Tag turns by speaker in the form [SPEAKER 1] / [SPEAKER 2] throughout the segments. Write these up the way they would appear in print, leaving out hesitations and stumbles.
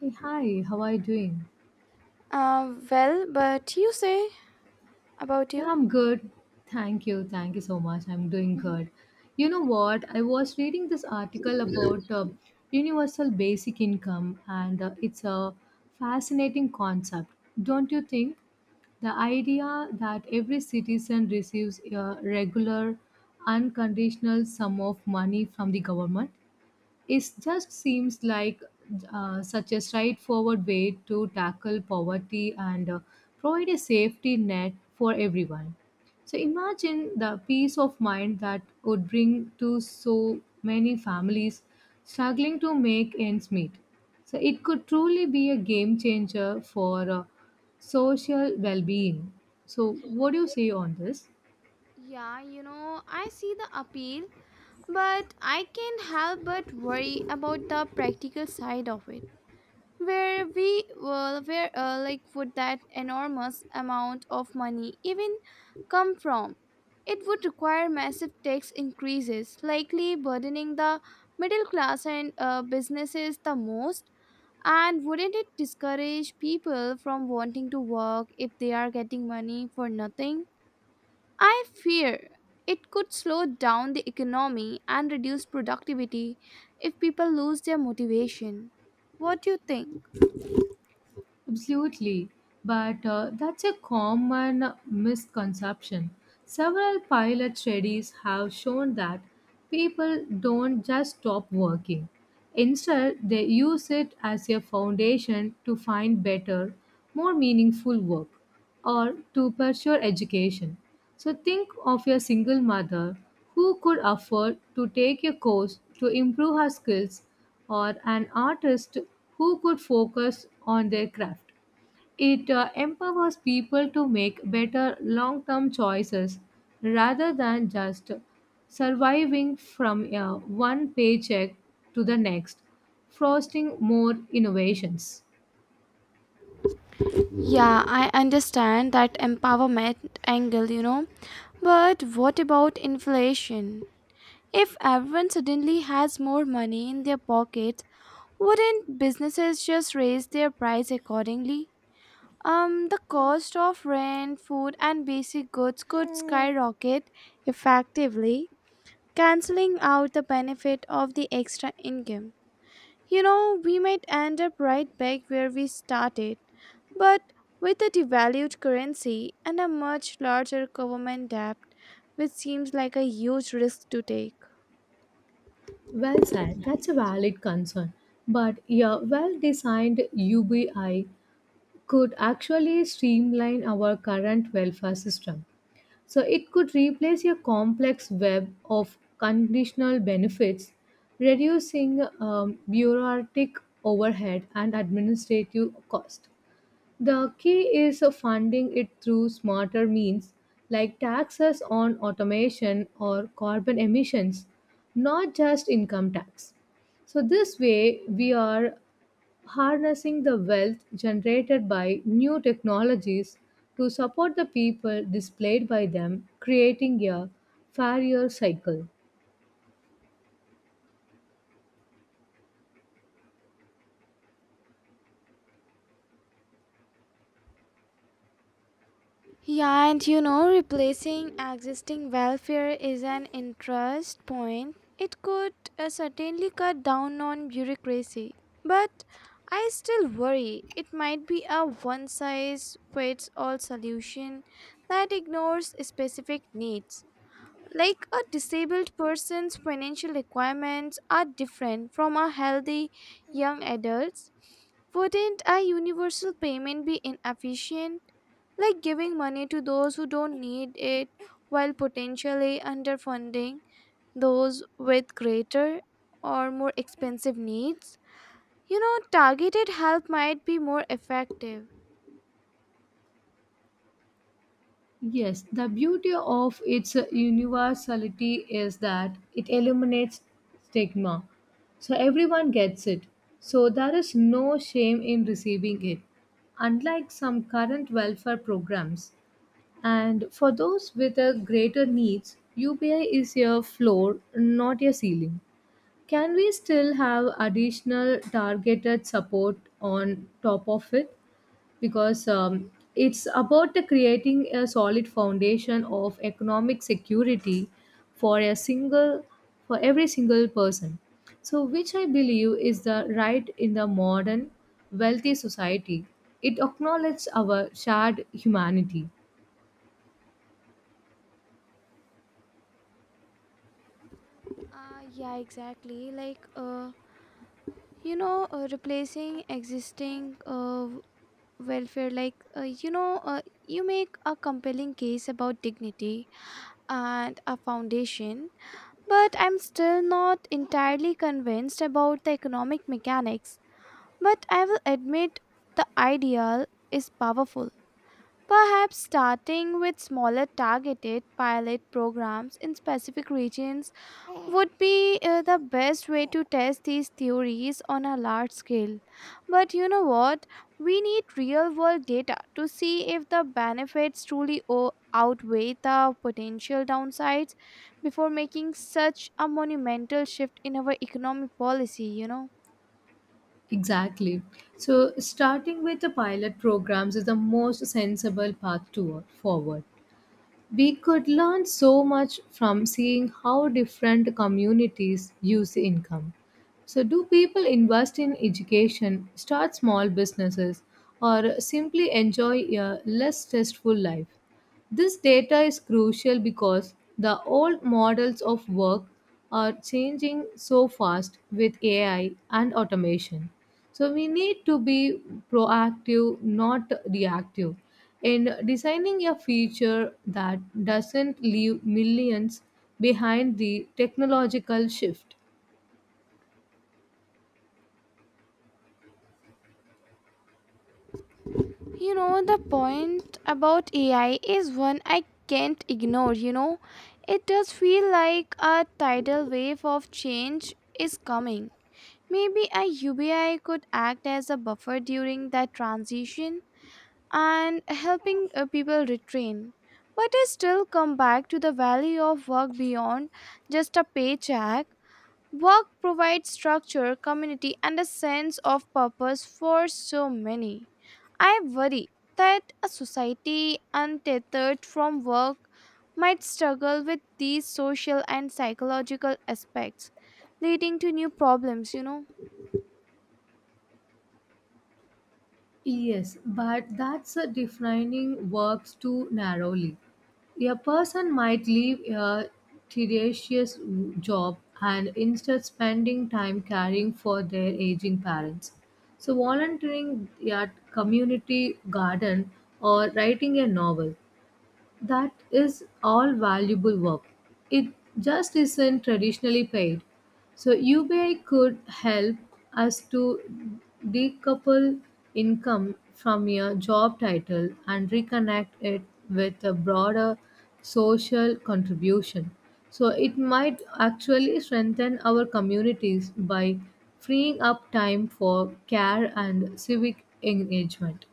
[SPEAKER 1] Hey, hi, how are you doing?
[SPEAKER 2] But you say about
[SPEAKER 1] Yeah,
[SPEAKER 2] you.
[SPEAKER 1] I'm good. Thank you. Thank you so much. I'm doing
[SPEAKER 2] Mhm.
[SPEAKER 1] good. You know what? I was reading this article about universal basic income, and it's a fascinating concept, don't you think? The idea that every citizen receives a regular, unconditional sum of money from the government. It just seems like such a straightforward way to tackle poverty and provide a safety net for everyone. So imagine the peace of mind that could bring to so many families struggling to make ends meet. So it could truly be a game changer for social well being. So, what do you say on this?
[SPEAKER 2] Yeah, you know, I see the appeal, but I can't help but worry about the practical side of it. Where we, well, where like would that enormous amount of money even come from? It would require massive tax increases, likely burdening the middle class and businesses the most. And wouldn't it discourage people from wanting to work if they are getting money for nothing? I fear it could slow down the economy and reduce productivity if people lose their motivation. What do you think?
[SPEAKER 1] Absolutely, but that's a common misconception. Several pilot studies have shown that people don't just stop working. Instead, they use it as a foundation to find better, more meaningful work or to pursue education. So, think of a single mother who could afford to take a course to improve her skills, or an artist who could focus on their craft. It empowers people to make better long term choices rather than just surviving from one paycheck to the next, fostering more innovations.
[SPEAKER 2] Yeah, I understand that empowerment angle. But what about inflation? If everyone suddenly has more money in their pockets, wouldn't businesses just raise their price accordingly? The cost of rent, food, and basic goods could skyrocket effectively, canceling out the benefit of the extra income. You know, we might end up right back where we started, but with a devalued currency and a much larger government debt, which seems like a huge risk to take.
[SPEAKER 1] Well said, that's a valid concern. But a well designed UBI could actually streamline our current welfare system. So it could replace a complex web of conditional benefits, reducing bureaucratic overhead and administrative cost. The key is funding it through smarter means like taxes on automation or carbon emissions, not just income tax. So this way we are harnessing the wealth generated by new technologies to support the people displayed by them, creating a fairer cycle.
[SPEAKER 2] Yeah, and you know, replacing existing welfare is an interest point. It could certainly cut down on bureaucracy, but I still worry it might be a one size fits all solution that ignores specific needs. Like a disabled person's financial requirements are different from a healthy young adult's. Wouldn't a universal payment be inefficient? Like giving money to those who don't need it while potentially underfunding those with greater or more expensive needs? You know, targeted help might be more effective.
[SPEAKER 1] Yes, the beauty of its universality is that it eliminates stigma. So everyone gets it. So there is no shame in receiving it, unlike some current welfare programs. And for those with a greater needs, UPI is a floor, not a ceiling. Can we still have additional targeted support on top of it? Because it's about the creating a solid foundation of economic security for a single, for every single person. So, which I believe is the right in the modern wealthy society. It acknowledges our shared humanity.
[SPEAKER 2] Yeah, exactly. Like, you know, replacing existing welfare like you know you make a compelling case about dignity and a foundation, but I'm still not entirely convinced about the economic mechanics, but I will admit the ideal is powerful. Perhaps starting with smaller targeted pilot programs in specific regions would be the best way to test these theories on a large scale. But you know what? We need real world data to see if the benefits truly outweigh the potential downsides before making such a monumental shift in our economic policy.
[SPEAKER 1] Exactly. So, starting with the pilot programs is the most sensible path toward forward. We could learn so much from seeing how different communities use income. So, do people invest in education, start small businesses, or simply enjoy a less stressful life? This data is crucial because the old models of work are changing so fast with AI and automation. So we need to be proactive, not reactive, in designing a future that doesn't leave millions behind the technological shift.
[SPEAKER 2] You know, the point about AI is one I can't ignore. You know, it does feel like a tidal wave of change is coming. Maybe a UBI could act as a buffer during that transition and helping people retrain. But I still come back to the value of work beyond just a paycheck. Work provides structure, community, and a sense of purpose for so many. I worry that a society untethered from work might struggle with these social and psychological aspects, leading to new problems.
[SPEAKER 1] Yes, but that's a defining works too narrowly. A person might leave a tedious job and instead spending time caring for their aging parents. So volunteering at community garden or writing a novel. That is all valuable work. It just isn't traditionally paid. So UBI could help us to decouple income from your job title and reconnect it with a broader social contribution. So it might actually strengthen our communities by freeing up time for care and civic engagement.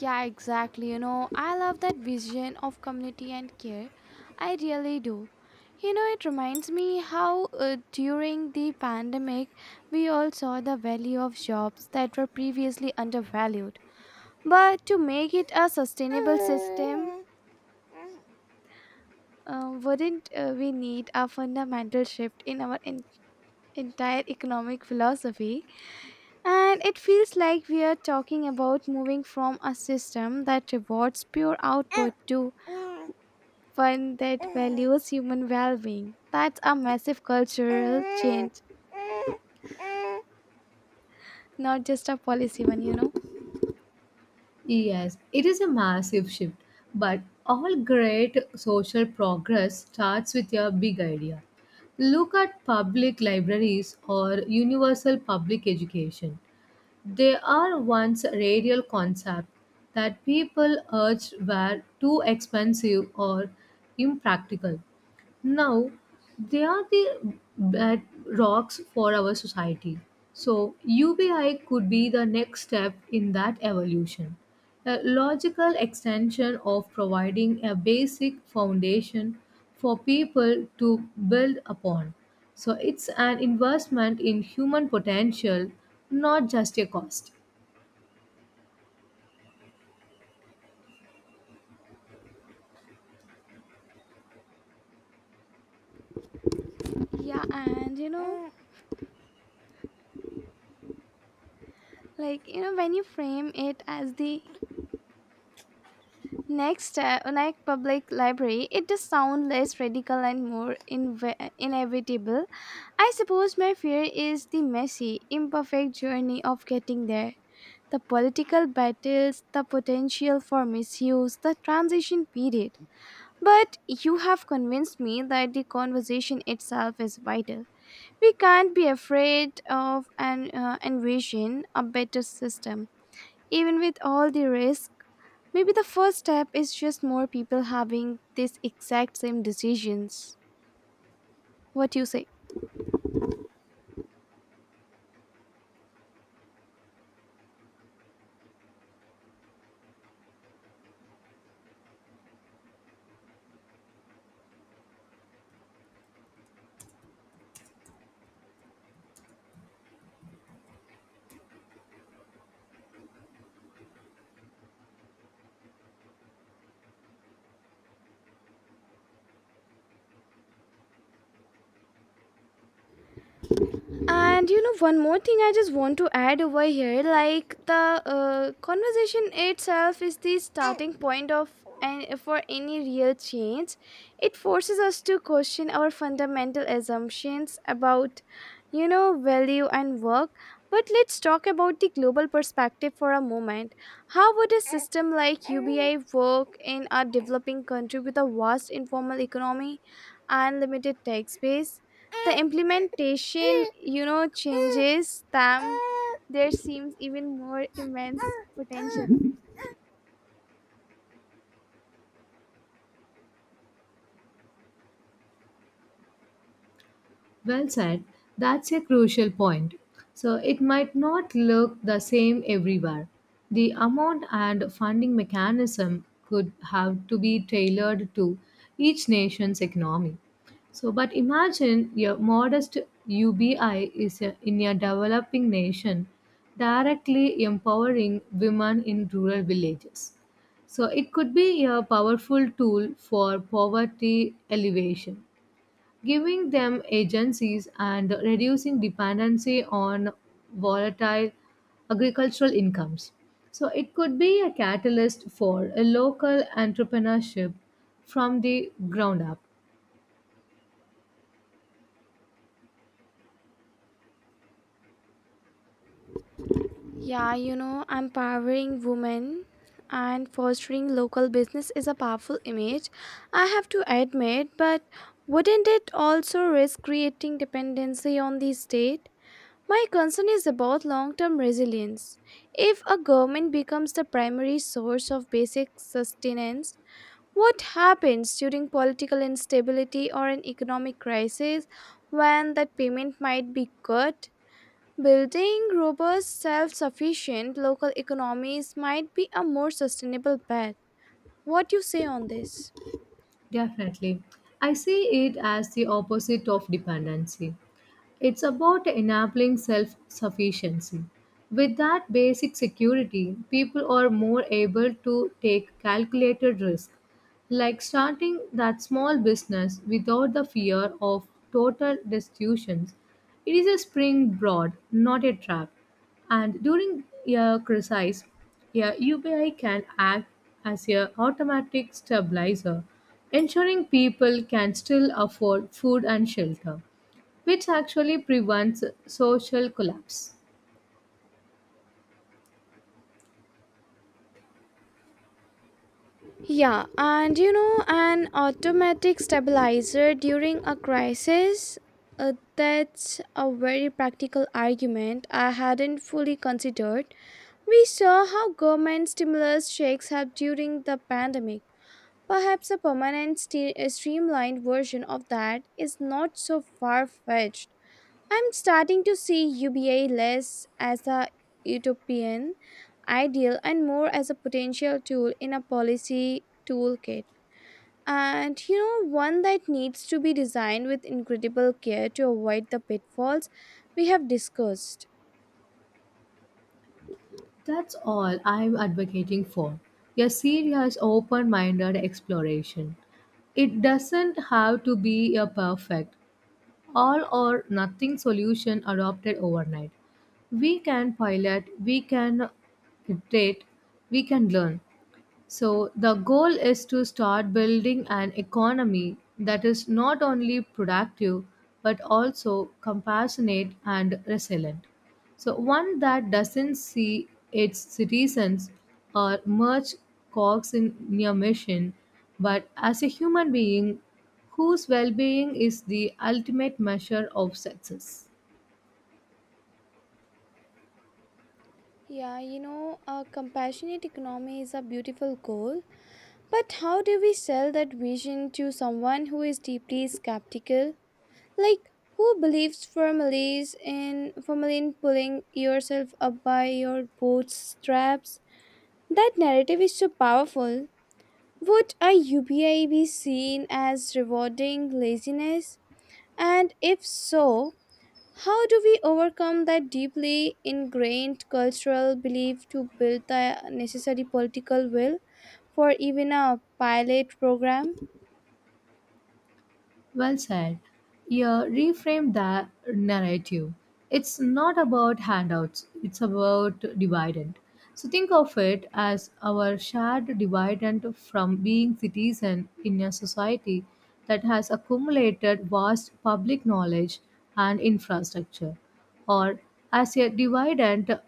[SPEAKER 2] Yeah, exactly. You know, I love that vision of community and care. I really do. You know, it reminds me how during the pandemic, we all saw the value of jobs that were previously undervalued. But to make it a sustainable system, wouldn't we need a fundamental shift in our entire economic philosophy? And it feels like we are talking about moving from a system that rewards pure output to one that values human well being. That's a massive cultural change, not just a policy one.
[SPEAKER 1] Yes, it is a massive shift, but all great social progress starts with a big idea. Look at public libraries or universal public education. They are once radial concept that people urged were too expensive or impractical. Now, they are the bedrocks for our society. So, UBI could be the next step in that evolution, a logical extension of providing a basic foundation for people to build upon. So, it's an investment in human potential, not just a cost.
[SPEAKER 2] Yeah, and when you frame it as the next step, like public library, it does sound less radical and more inevitable. I suppose my fear is the messy, imperfect journey of getting there. The political battles, the potential for misuse, the transition period. But you have convinced me that the conversation itself is vital. We can't be afraid of and envision a better system, even with all the risk. Maybe the first step is just more people having this exact same decisions. What do you say? And you know, one more thing I just want to add over here like the conversation itself is the starting point of and for any real change. It forces us to question our fundamental assumptions about, you know, value and work. But let's talk about the global perspective for a moment. How would a system like UBI work in a developing country with a vast informal economy and limited tax base? The implementation, you know, changes them, there seems even more immense potential.
[SPEAKER 1] Well said. That's a crucial point. So it might not look the same everywhere. The amount and funding mechanism could have to be tailored to each nation's economy. So, but imagine your modest UBI in a developing nation directly empowering women in rural villages. So, it could be a powerful tool for poverty alleviation giving them agencies and reducing dependency on volatile agricultural incomes. So, it could be a catalyst for a local entrepreneurship from the ground up.
[SPEAKER 2] Yeah, you know, empowering women and fostering local business is a powerful image. I have to admit, but wouldn't it also risk creating dependency on the state? My concern is about long term resilience. If a government becomes the primary source of basic sustenance, what happens during political instability or an economic crisis when that payment might be cut? Building robust, self sufficient local economies might be a more sustainable path. What you say on this?
[SPEAKER 1] Definitely. I see it as the opposite of dependency. It's about enabling self sufficiency. With that basic security, people are more able to take calculated risk, like starting that small business without the fear of total destitution. It is a springboard, not a trap. And during a crisis, a UPI can act as a automatic stabilizer, ensuring people can still afford food and shelter, which actually prevents social collapse.
[SPEAKER 2] Yeah, and you know, an automatic stabilizer during a crisis. That's a very practical argument I hadn't fully considered. We saw how government stimulus checks helped during the pandemic. Perhaps a permanent, a streamlined version of that is not so far fetched. I'm starting to see UBA less as a utopian ideal and more as a potential tool in a policy toolkit. And you know, one that needs to be designed with incredible care to avoid the pitfalls we have discussed.
[SPEAKER 1] That's all I'm advocating for, a serious, open minded exploration. It doesn't have to be a perfect, all or nothing solution adopted overnight. We can pilot, we can iterate, we can learn. So, the goal is to start building an economy that is not only productive but also compassionate and resilient. So, one that doesn't see its citizens or merge cogs in your mission, but as a human being whose well being is the ultimate measure of success.
[SPEAKER 2] Yeah, you know, a compassionate economy is a beautiful goal, but how do we sell that vision to someone who is deeply skeptical? Like, who believes firmly in pulling yourself up by your bootstraps? That narrative is so powerful. Would a UBI be seen as rewarding laziness? And if so, how do we overcome that deeply ingrained cultural belief to build the necessary political will for even a pilot program?
[SPEAKER 1] Well said. You reframe that narrative. It's not about handouts, it's about dividend. So think of it as our shared dividend from being citizen in a society that has accumulated vast public knowledge and infrastructure, or as a dividend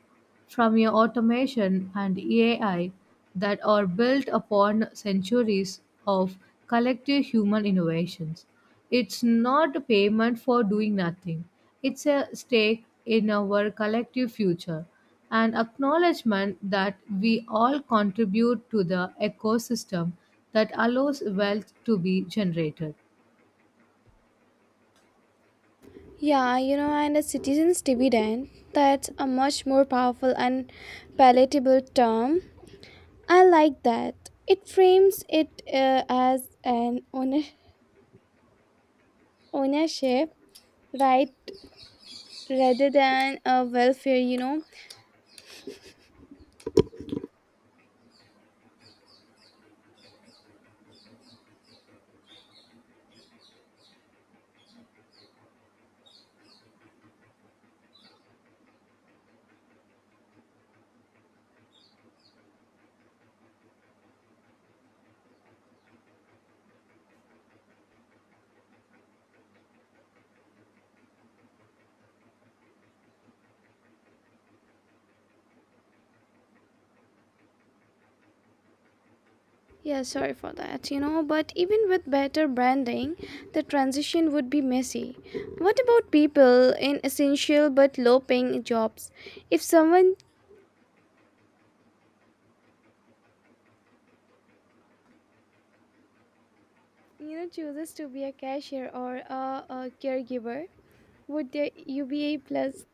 [SPEAKER 1] from your automation and AI that are built upon centuries of collective human innovations. It's not a payment for doing nothing, it's a stake in our collective future, an acknowledgement that we all contribute to the ecosystem that allows wealth to be generated.
[SPEAKER 2] Yeah, you know, and a citizen's dividend, that's a much more powerful and palatable term. I like that. It frames it as an ownership right rather than a welfare, you know. Yeah, sorry for that, you know, but even with better branding, the transition would be messy. What about people in essential but low paying jobs? If someone you know chooses to be a cashier or a caregiver, would the UBA plus.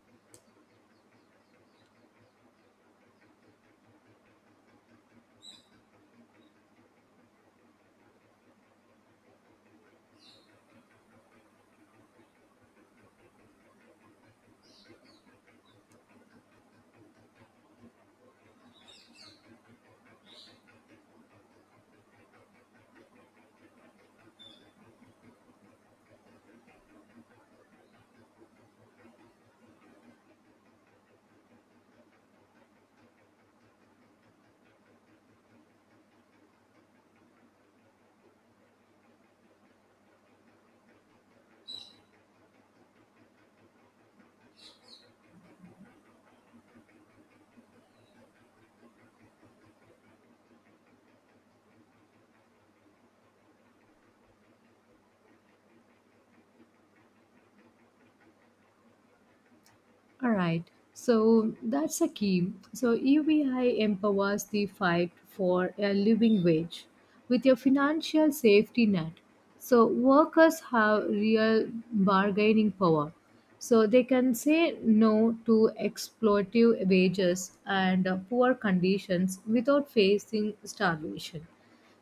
[SPEAKER 1] All right. So that's a key. So UBI empowers the fight for a living wage with your financial safety net. So workers have real bargaining power. So they can say no to exploitative wages and poor conditions without facing starvation.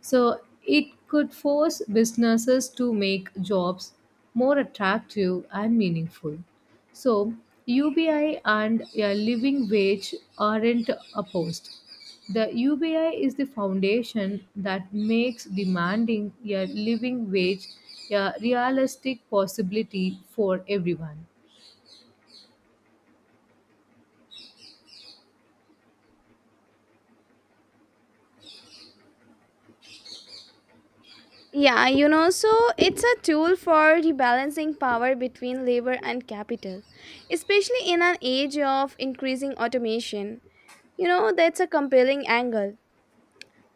[SPEAKER 1] So it could force businesses to make jobs more attractive and meaningful. So UBI and a living wage aren't opposed. The UBI is the foundation that makes demanding a living wage a realistic possibility for everyone.
[SPEAKER 2] Yeah, you know, so it's a tool for rebalancing power between labor and capital, especially in an age of increasing automation. You know, that's a compelling angle.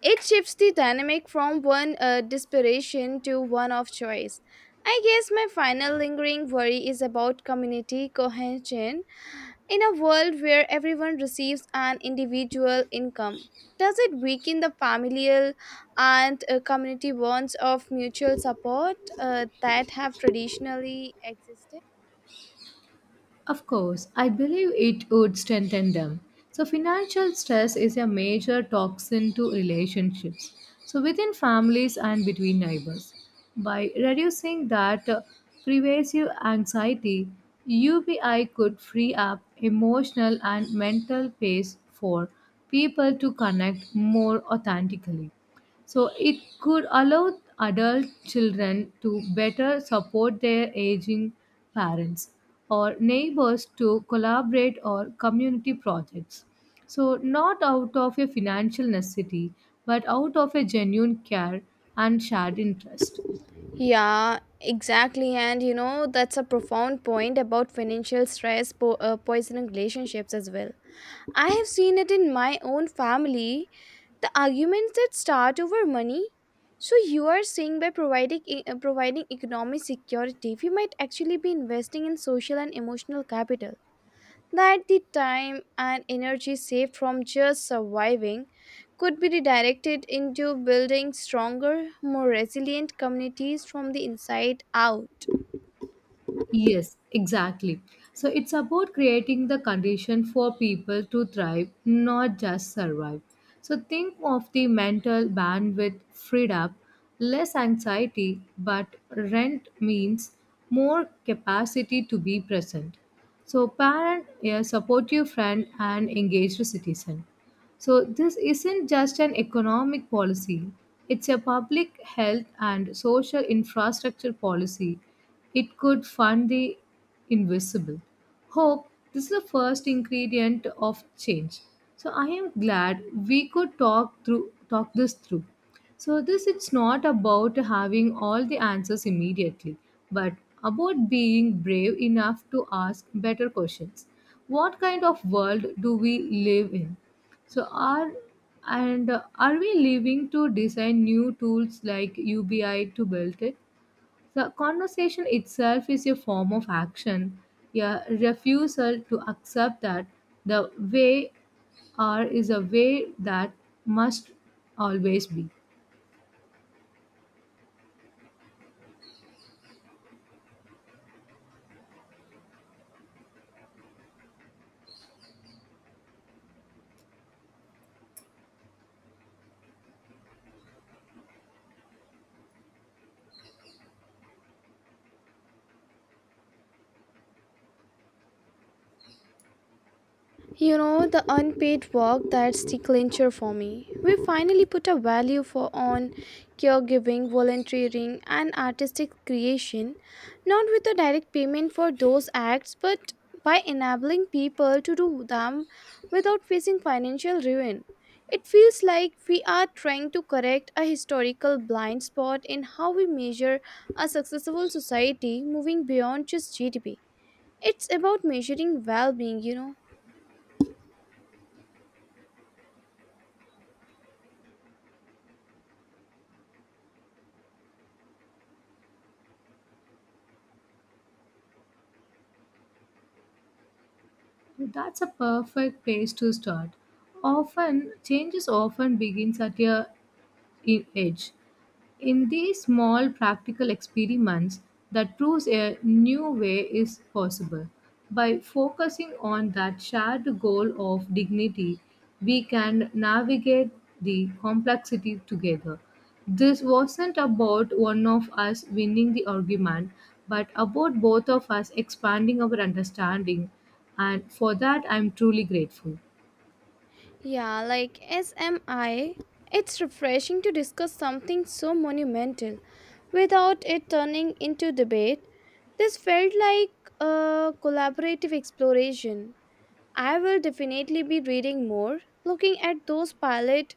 [SPEAKER 2] It shifts the dynamic from one desperation to one of choice. I guess my final lingering worry is about community cohesion. In a world where everyone receives an individual income, does it weaken the familial and community bonds of mutual support that have traditionally existed?
[SPEAKER 1] Of course, I believe it would strengthen them. So, financial stress is a major toxin to relationships, so within families and between neighbors. By reducing that pervasive anxiety, UBI could free up emotional and mental space for people to connect more authentically. So it could allow adult children to better support their aging parents or neighbors to collaborate or community projects. So not out of a financial necessity, but out of a genuine care and shared interest.
[SPEAKER 2] Yeah, exactly. And you know, that's a profound point about financial stress poisoning relationships as well. I have seen it in my own family, the arguments that start over money. So you are saying by providing providing economic security, we might actually be investing in social and emotional capital. That the time and energy saved from just surviving could be redirected into building stronger, more resilient communities from the inside out.
[SPEAKER 1] Yes, exactly. So it's about creating the condition for people to thrive, not just survive. So think of the mental bandwidth freed up, less anxiety, but rent means more capacity to be present. So parent, a supportive friend, and engaged citizen. So, this isn't just an economic policy, it's a public health and social infrastructure policy. It could fund the invisible. Hope, this is the first ingredient of change. So, I am glad we could talk this through. So, this it's not about having all the answers immediately, but about being brave enough to ask better questions. What kind of world do we live in? So are and are we leaving to design new tools like UBI to build it? The conversation itself is a form of action, a refusal to accept that the way are is a way that must always be.
[SPEAKER 2] You know, the unpaid work, that's the clincher for me. We finally put a value for on caregiving, volunteering, and artistic creation, not with a direct payment for those acts, but by enabling people to do them without facing financial ruin. It feels like we are trying to correct a historical blind spot in how we measure a successful society moving beyond just GDP. It's about measuring well being, you know.
[SPEAKER 1] That's a perfect place to start. Often changes often begins at a in edge. In these small practical experiments that proves a new way is possible. By focusing on that shared goal of dignity, we can navigate the complexity together. This wasn't about one of us winning the argument, but about both of us expanding our understanding, and for that, I'm truly grateful.
[SPEAKER 2] Yeah, like SMI, it's refreshing to discuss something so monumental without it turning into debate. This felt like a collaborative exploration. I will definitely be reading more, looking at those pilot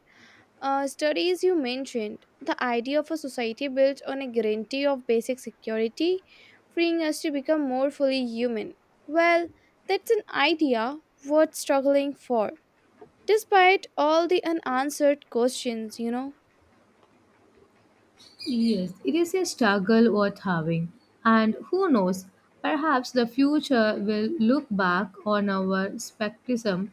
[SPEAKER 2] studies you mentioned. The idea of a society built on a guarantee of basic security, freeing us to become more fully human. Well, that's an idea worth struggling for despite all the unanswered questions, you know.
[SPEAKER 1] Yes, it is a struggle worth having. And who knows, perhaps the future will look back on our skepticism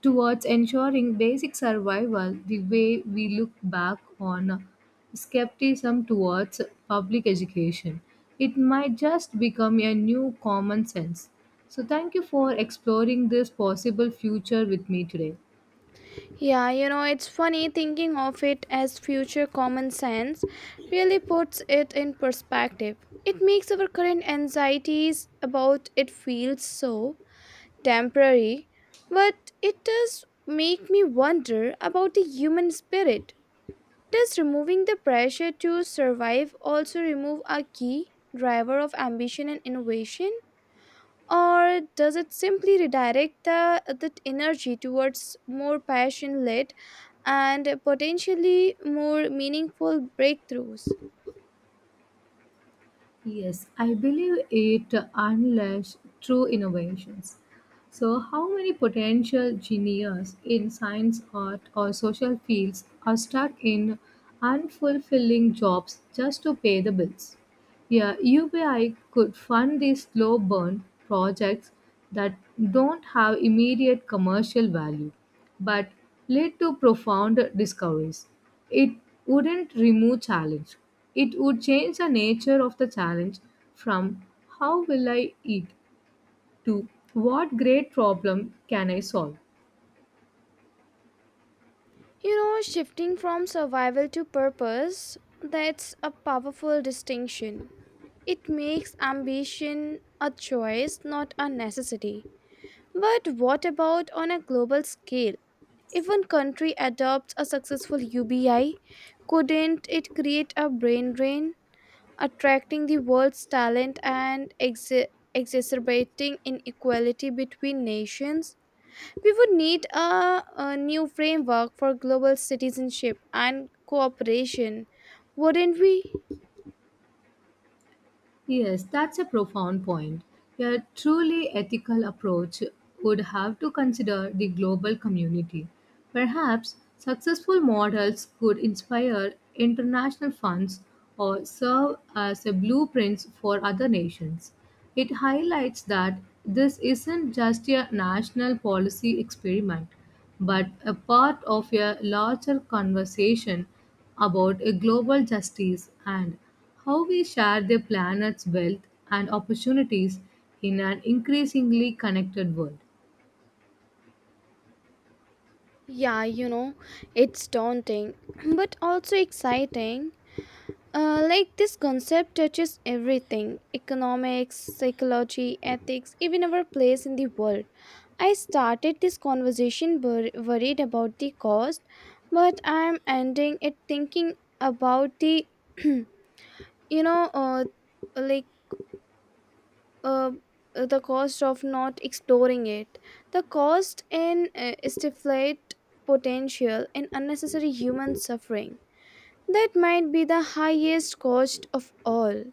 [SPEAKER 1] towards ensuring basic survival the way we look back on skepticism towards public education. It might just become a new common sense. So, thank you for exploring this possible future with me today.
[SPEAKER 2] Yeah, you know, it's funny thinking of it as future common sense really puts it in perspective. It makes our current anxieties about it feel so temporary, but it does make me wonder about the human spirit. Does removing the pressure to survive also remove a key driver of ambition and innovation, or does it simply redirect the energy towards more passion led and potentially more meaningful breakthroughs?
[SPEAKER 1] Yes, I believe it unleashes true innovations. So, how many potential geniuses in science, art, or social fields are stuck in unfulfilling jobs just to pay the bills? Yeah, UBI could fund these slow burn projects that don't have immediate commercial value but lead to profound discoveries. It wouldn't remove challenge. It would change the nature of the challenge from how will I eat to what great problem can I solve.
[SPEAKER 2] You know, shifting from survival to purpose, that's a powerful distinction. It makes ambition a choice, not a necessity. But what about on a global scale? If one country adopts a successful UBI, couldn't it create a brain drain, attracting the world's talent and exacerbating inequality between nations? We would need a new framework for global citizenship and cooperation, wouldn't we?
[SPEAKER 1] Yes, that's a profound point. A truly ethical approach would have to consider the global community. Perhaps successful models could inspire international funds or serve as a blueprint for other nations. It highlights that this isn't just a national policy experiment, but a part of a larger conversation about a global justice and how we share the planet's wealth and opportunities in an increasingly connected world.
[SPEAKER 2] Yeah, you know, it's daunting, but also exciting. Like this concept touches everything economics, psychology, ethics, even our place in the world. I started this conversation worried about the cost, but I'm ending it thinking about the, you know, like uh, the cost of not exploring it, the cost in stiflate potential and unnecessary human suffering. That might be the highest cost of all.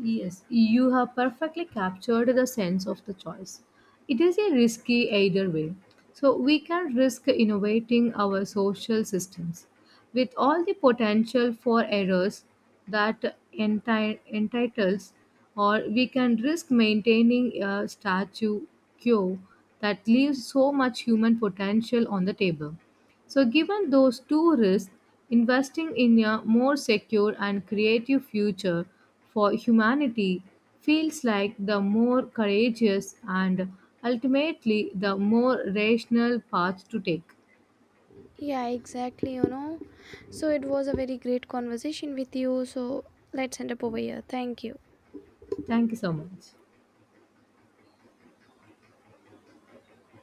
[SPEAKER 1] Yes, you have perfectly captured the sense of the choice. It is a risky either way. So we can risk innovating our social systems with all the potential for errors that entitles, or we can risk maintaining a status quo that leaves so much human potential on the table. So, given those two risks, investing in a more secure and creative future for humanity feels like the more courageous and ultimately the more rational path to take.
[SPEAKER 2] Yeah, exactly, you know. So it was a very great conversation with you. So let's end up over here. Thank you.
[SPEAKER 1] Thank you so much.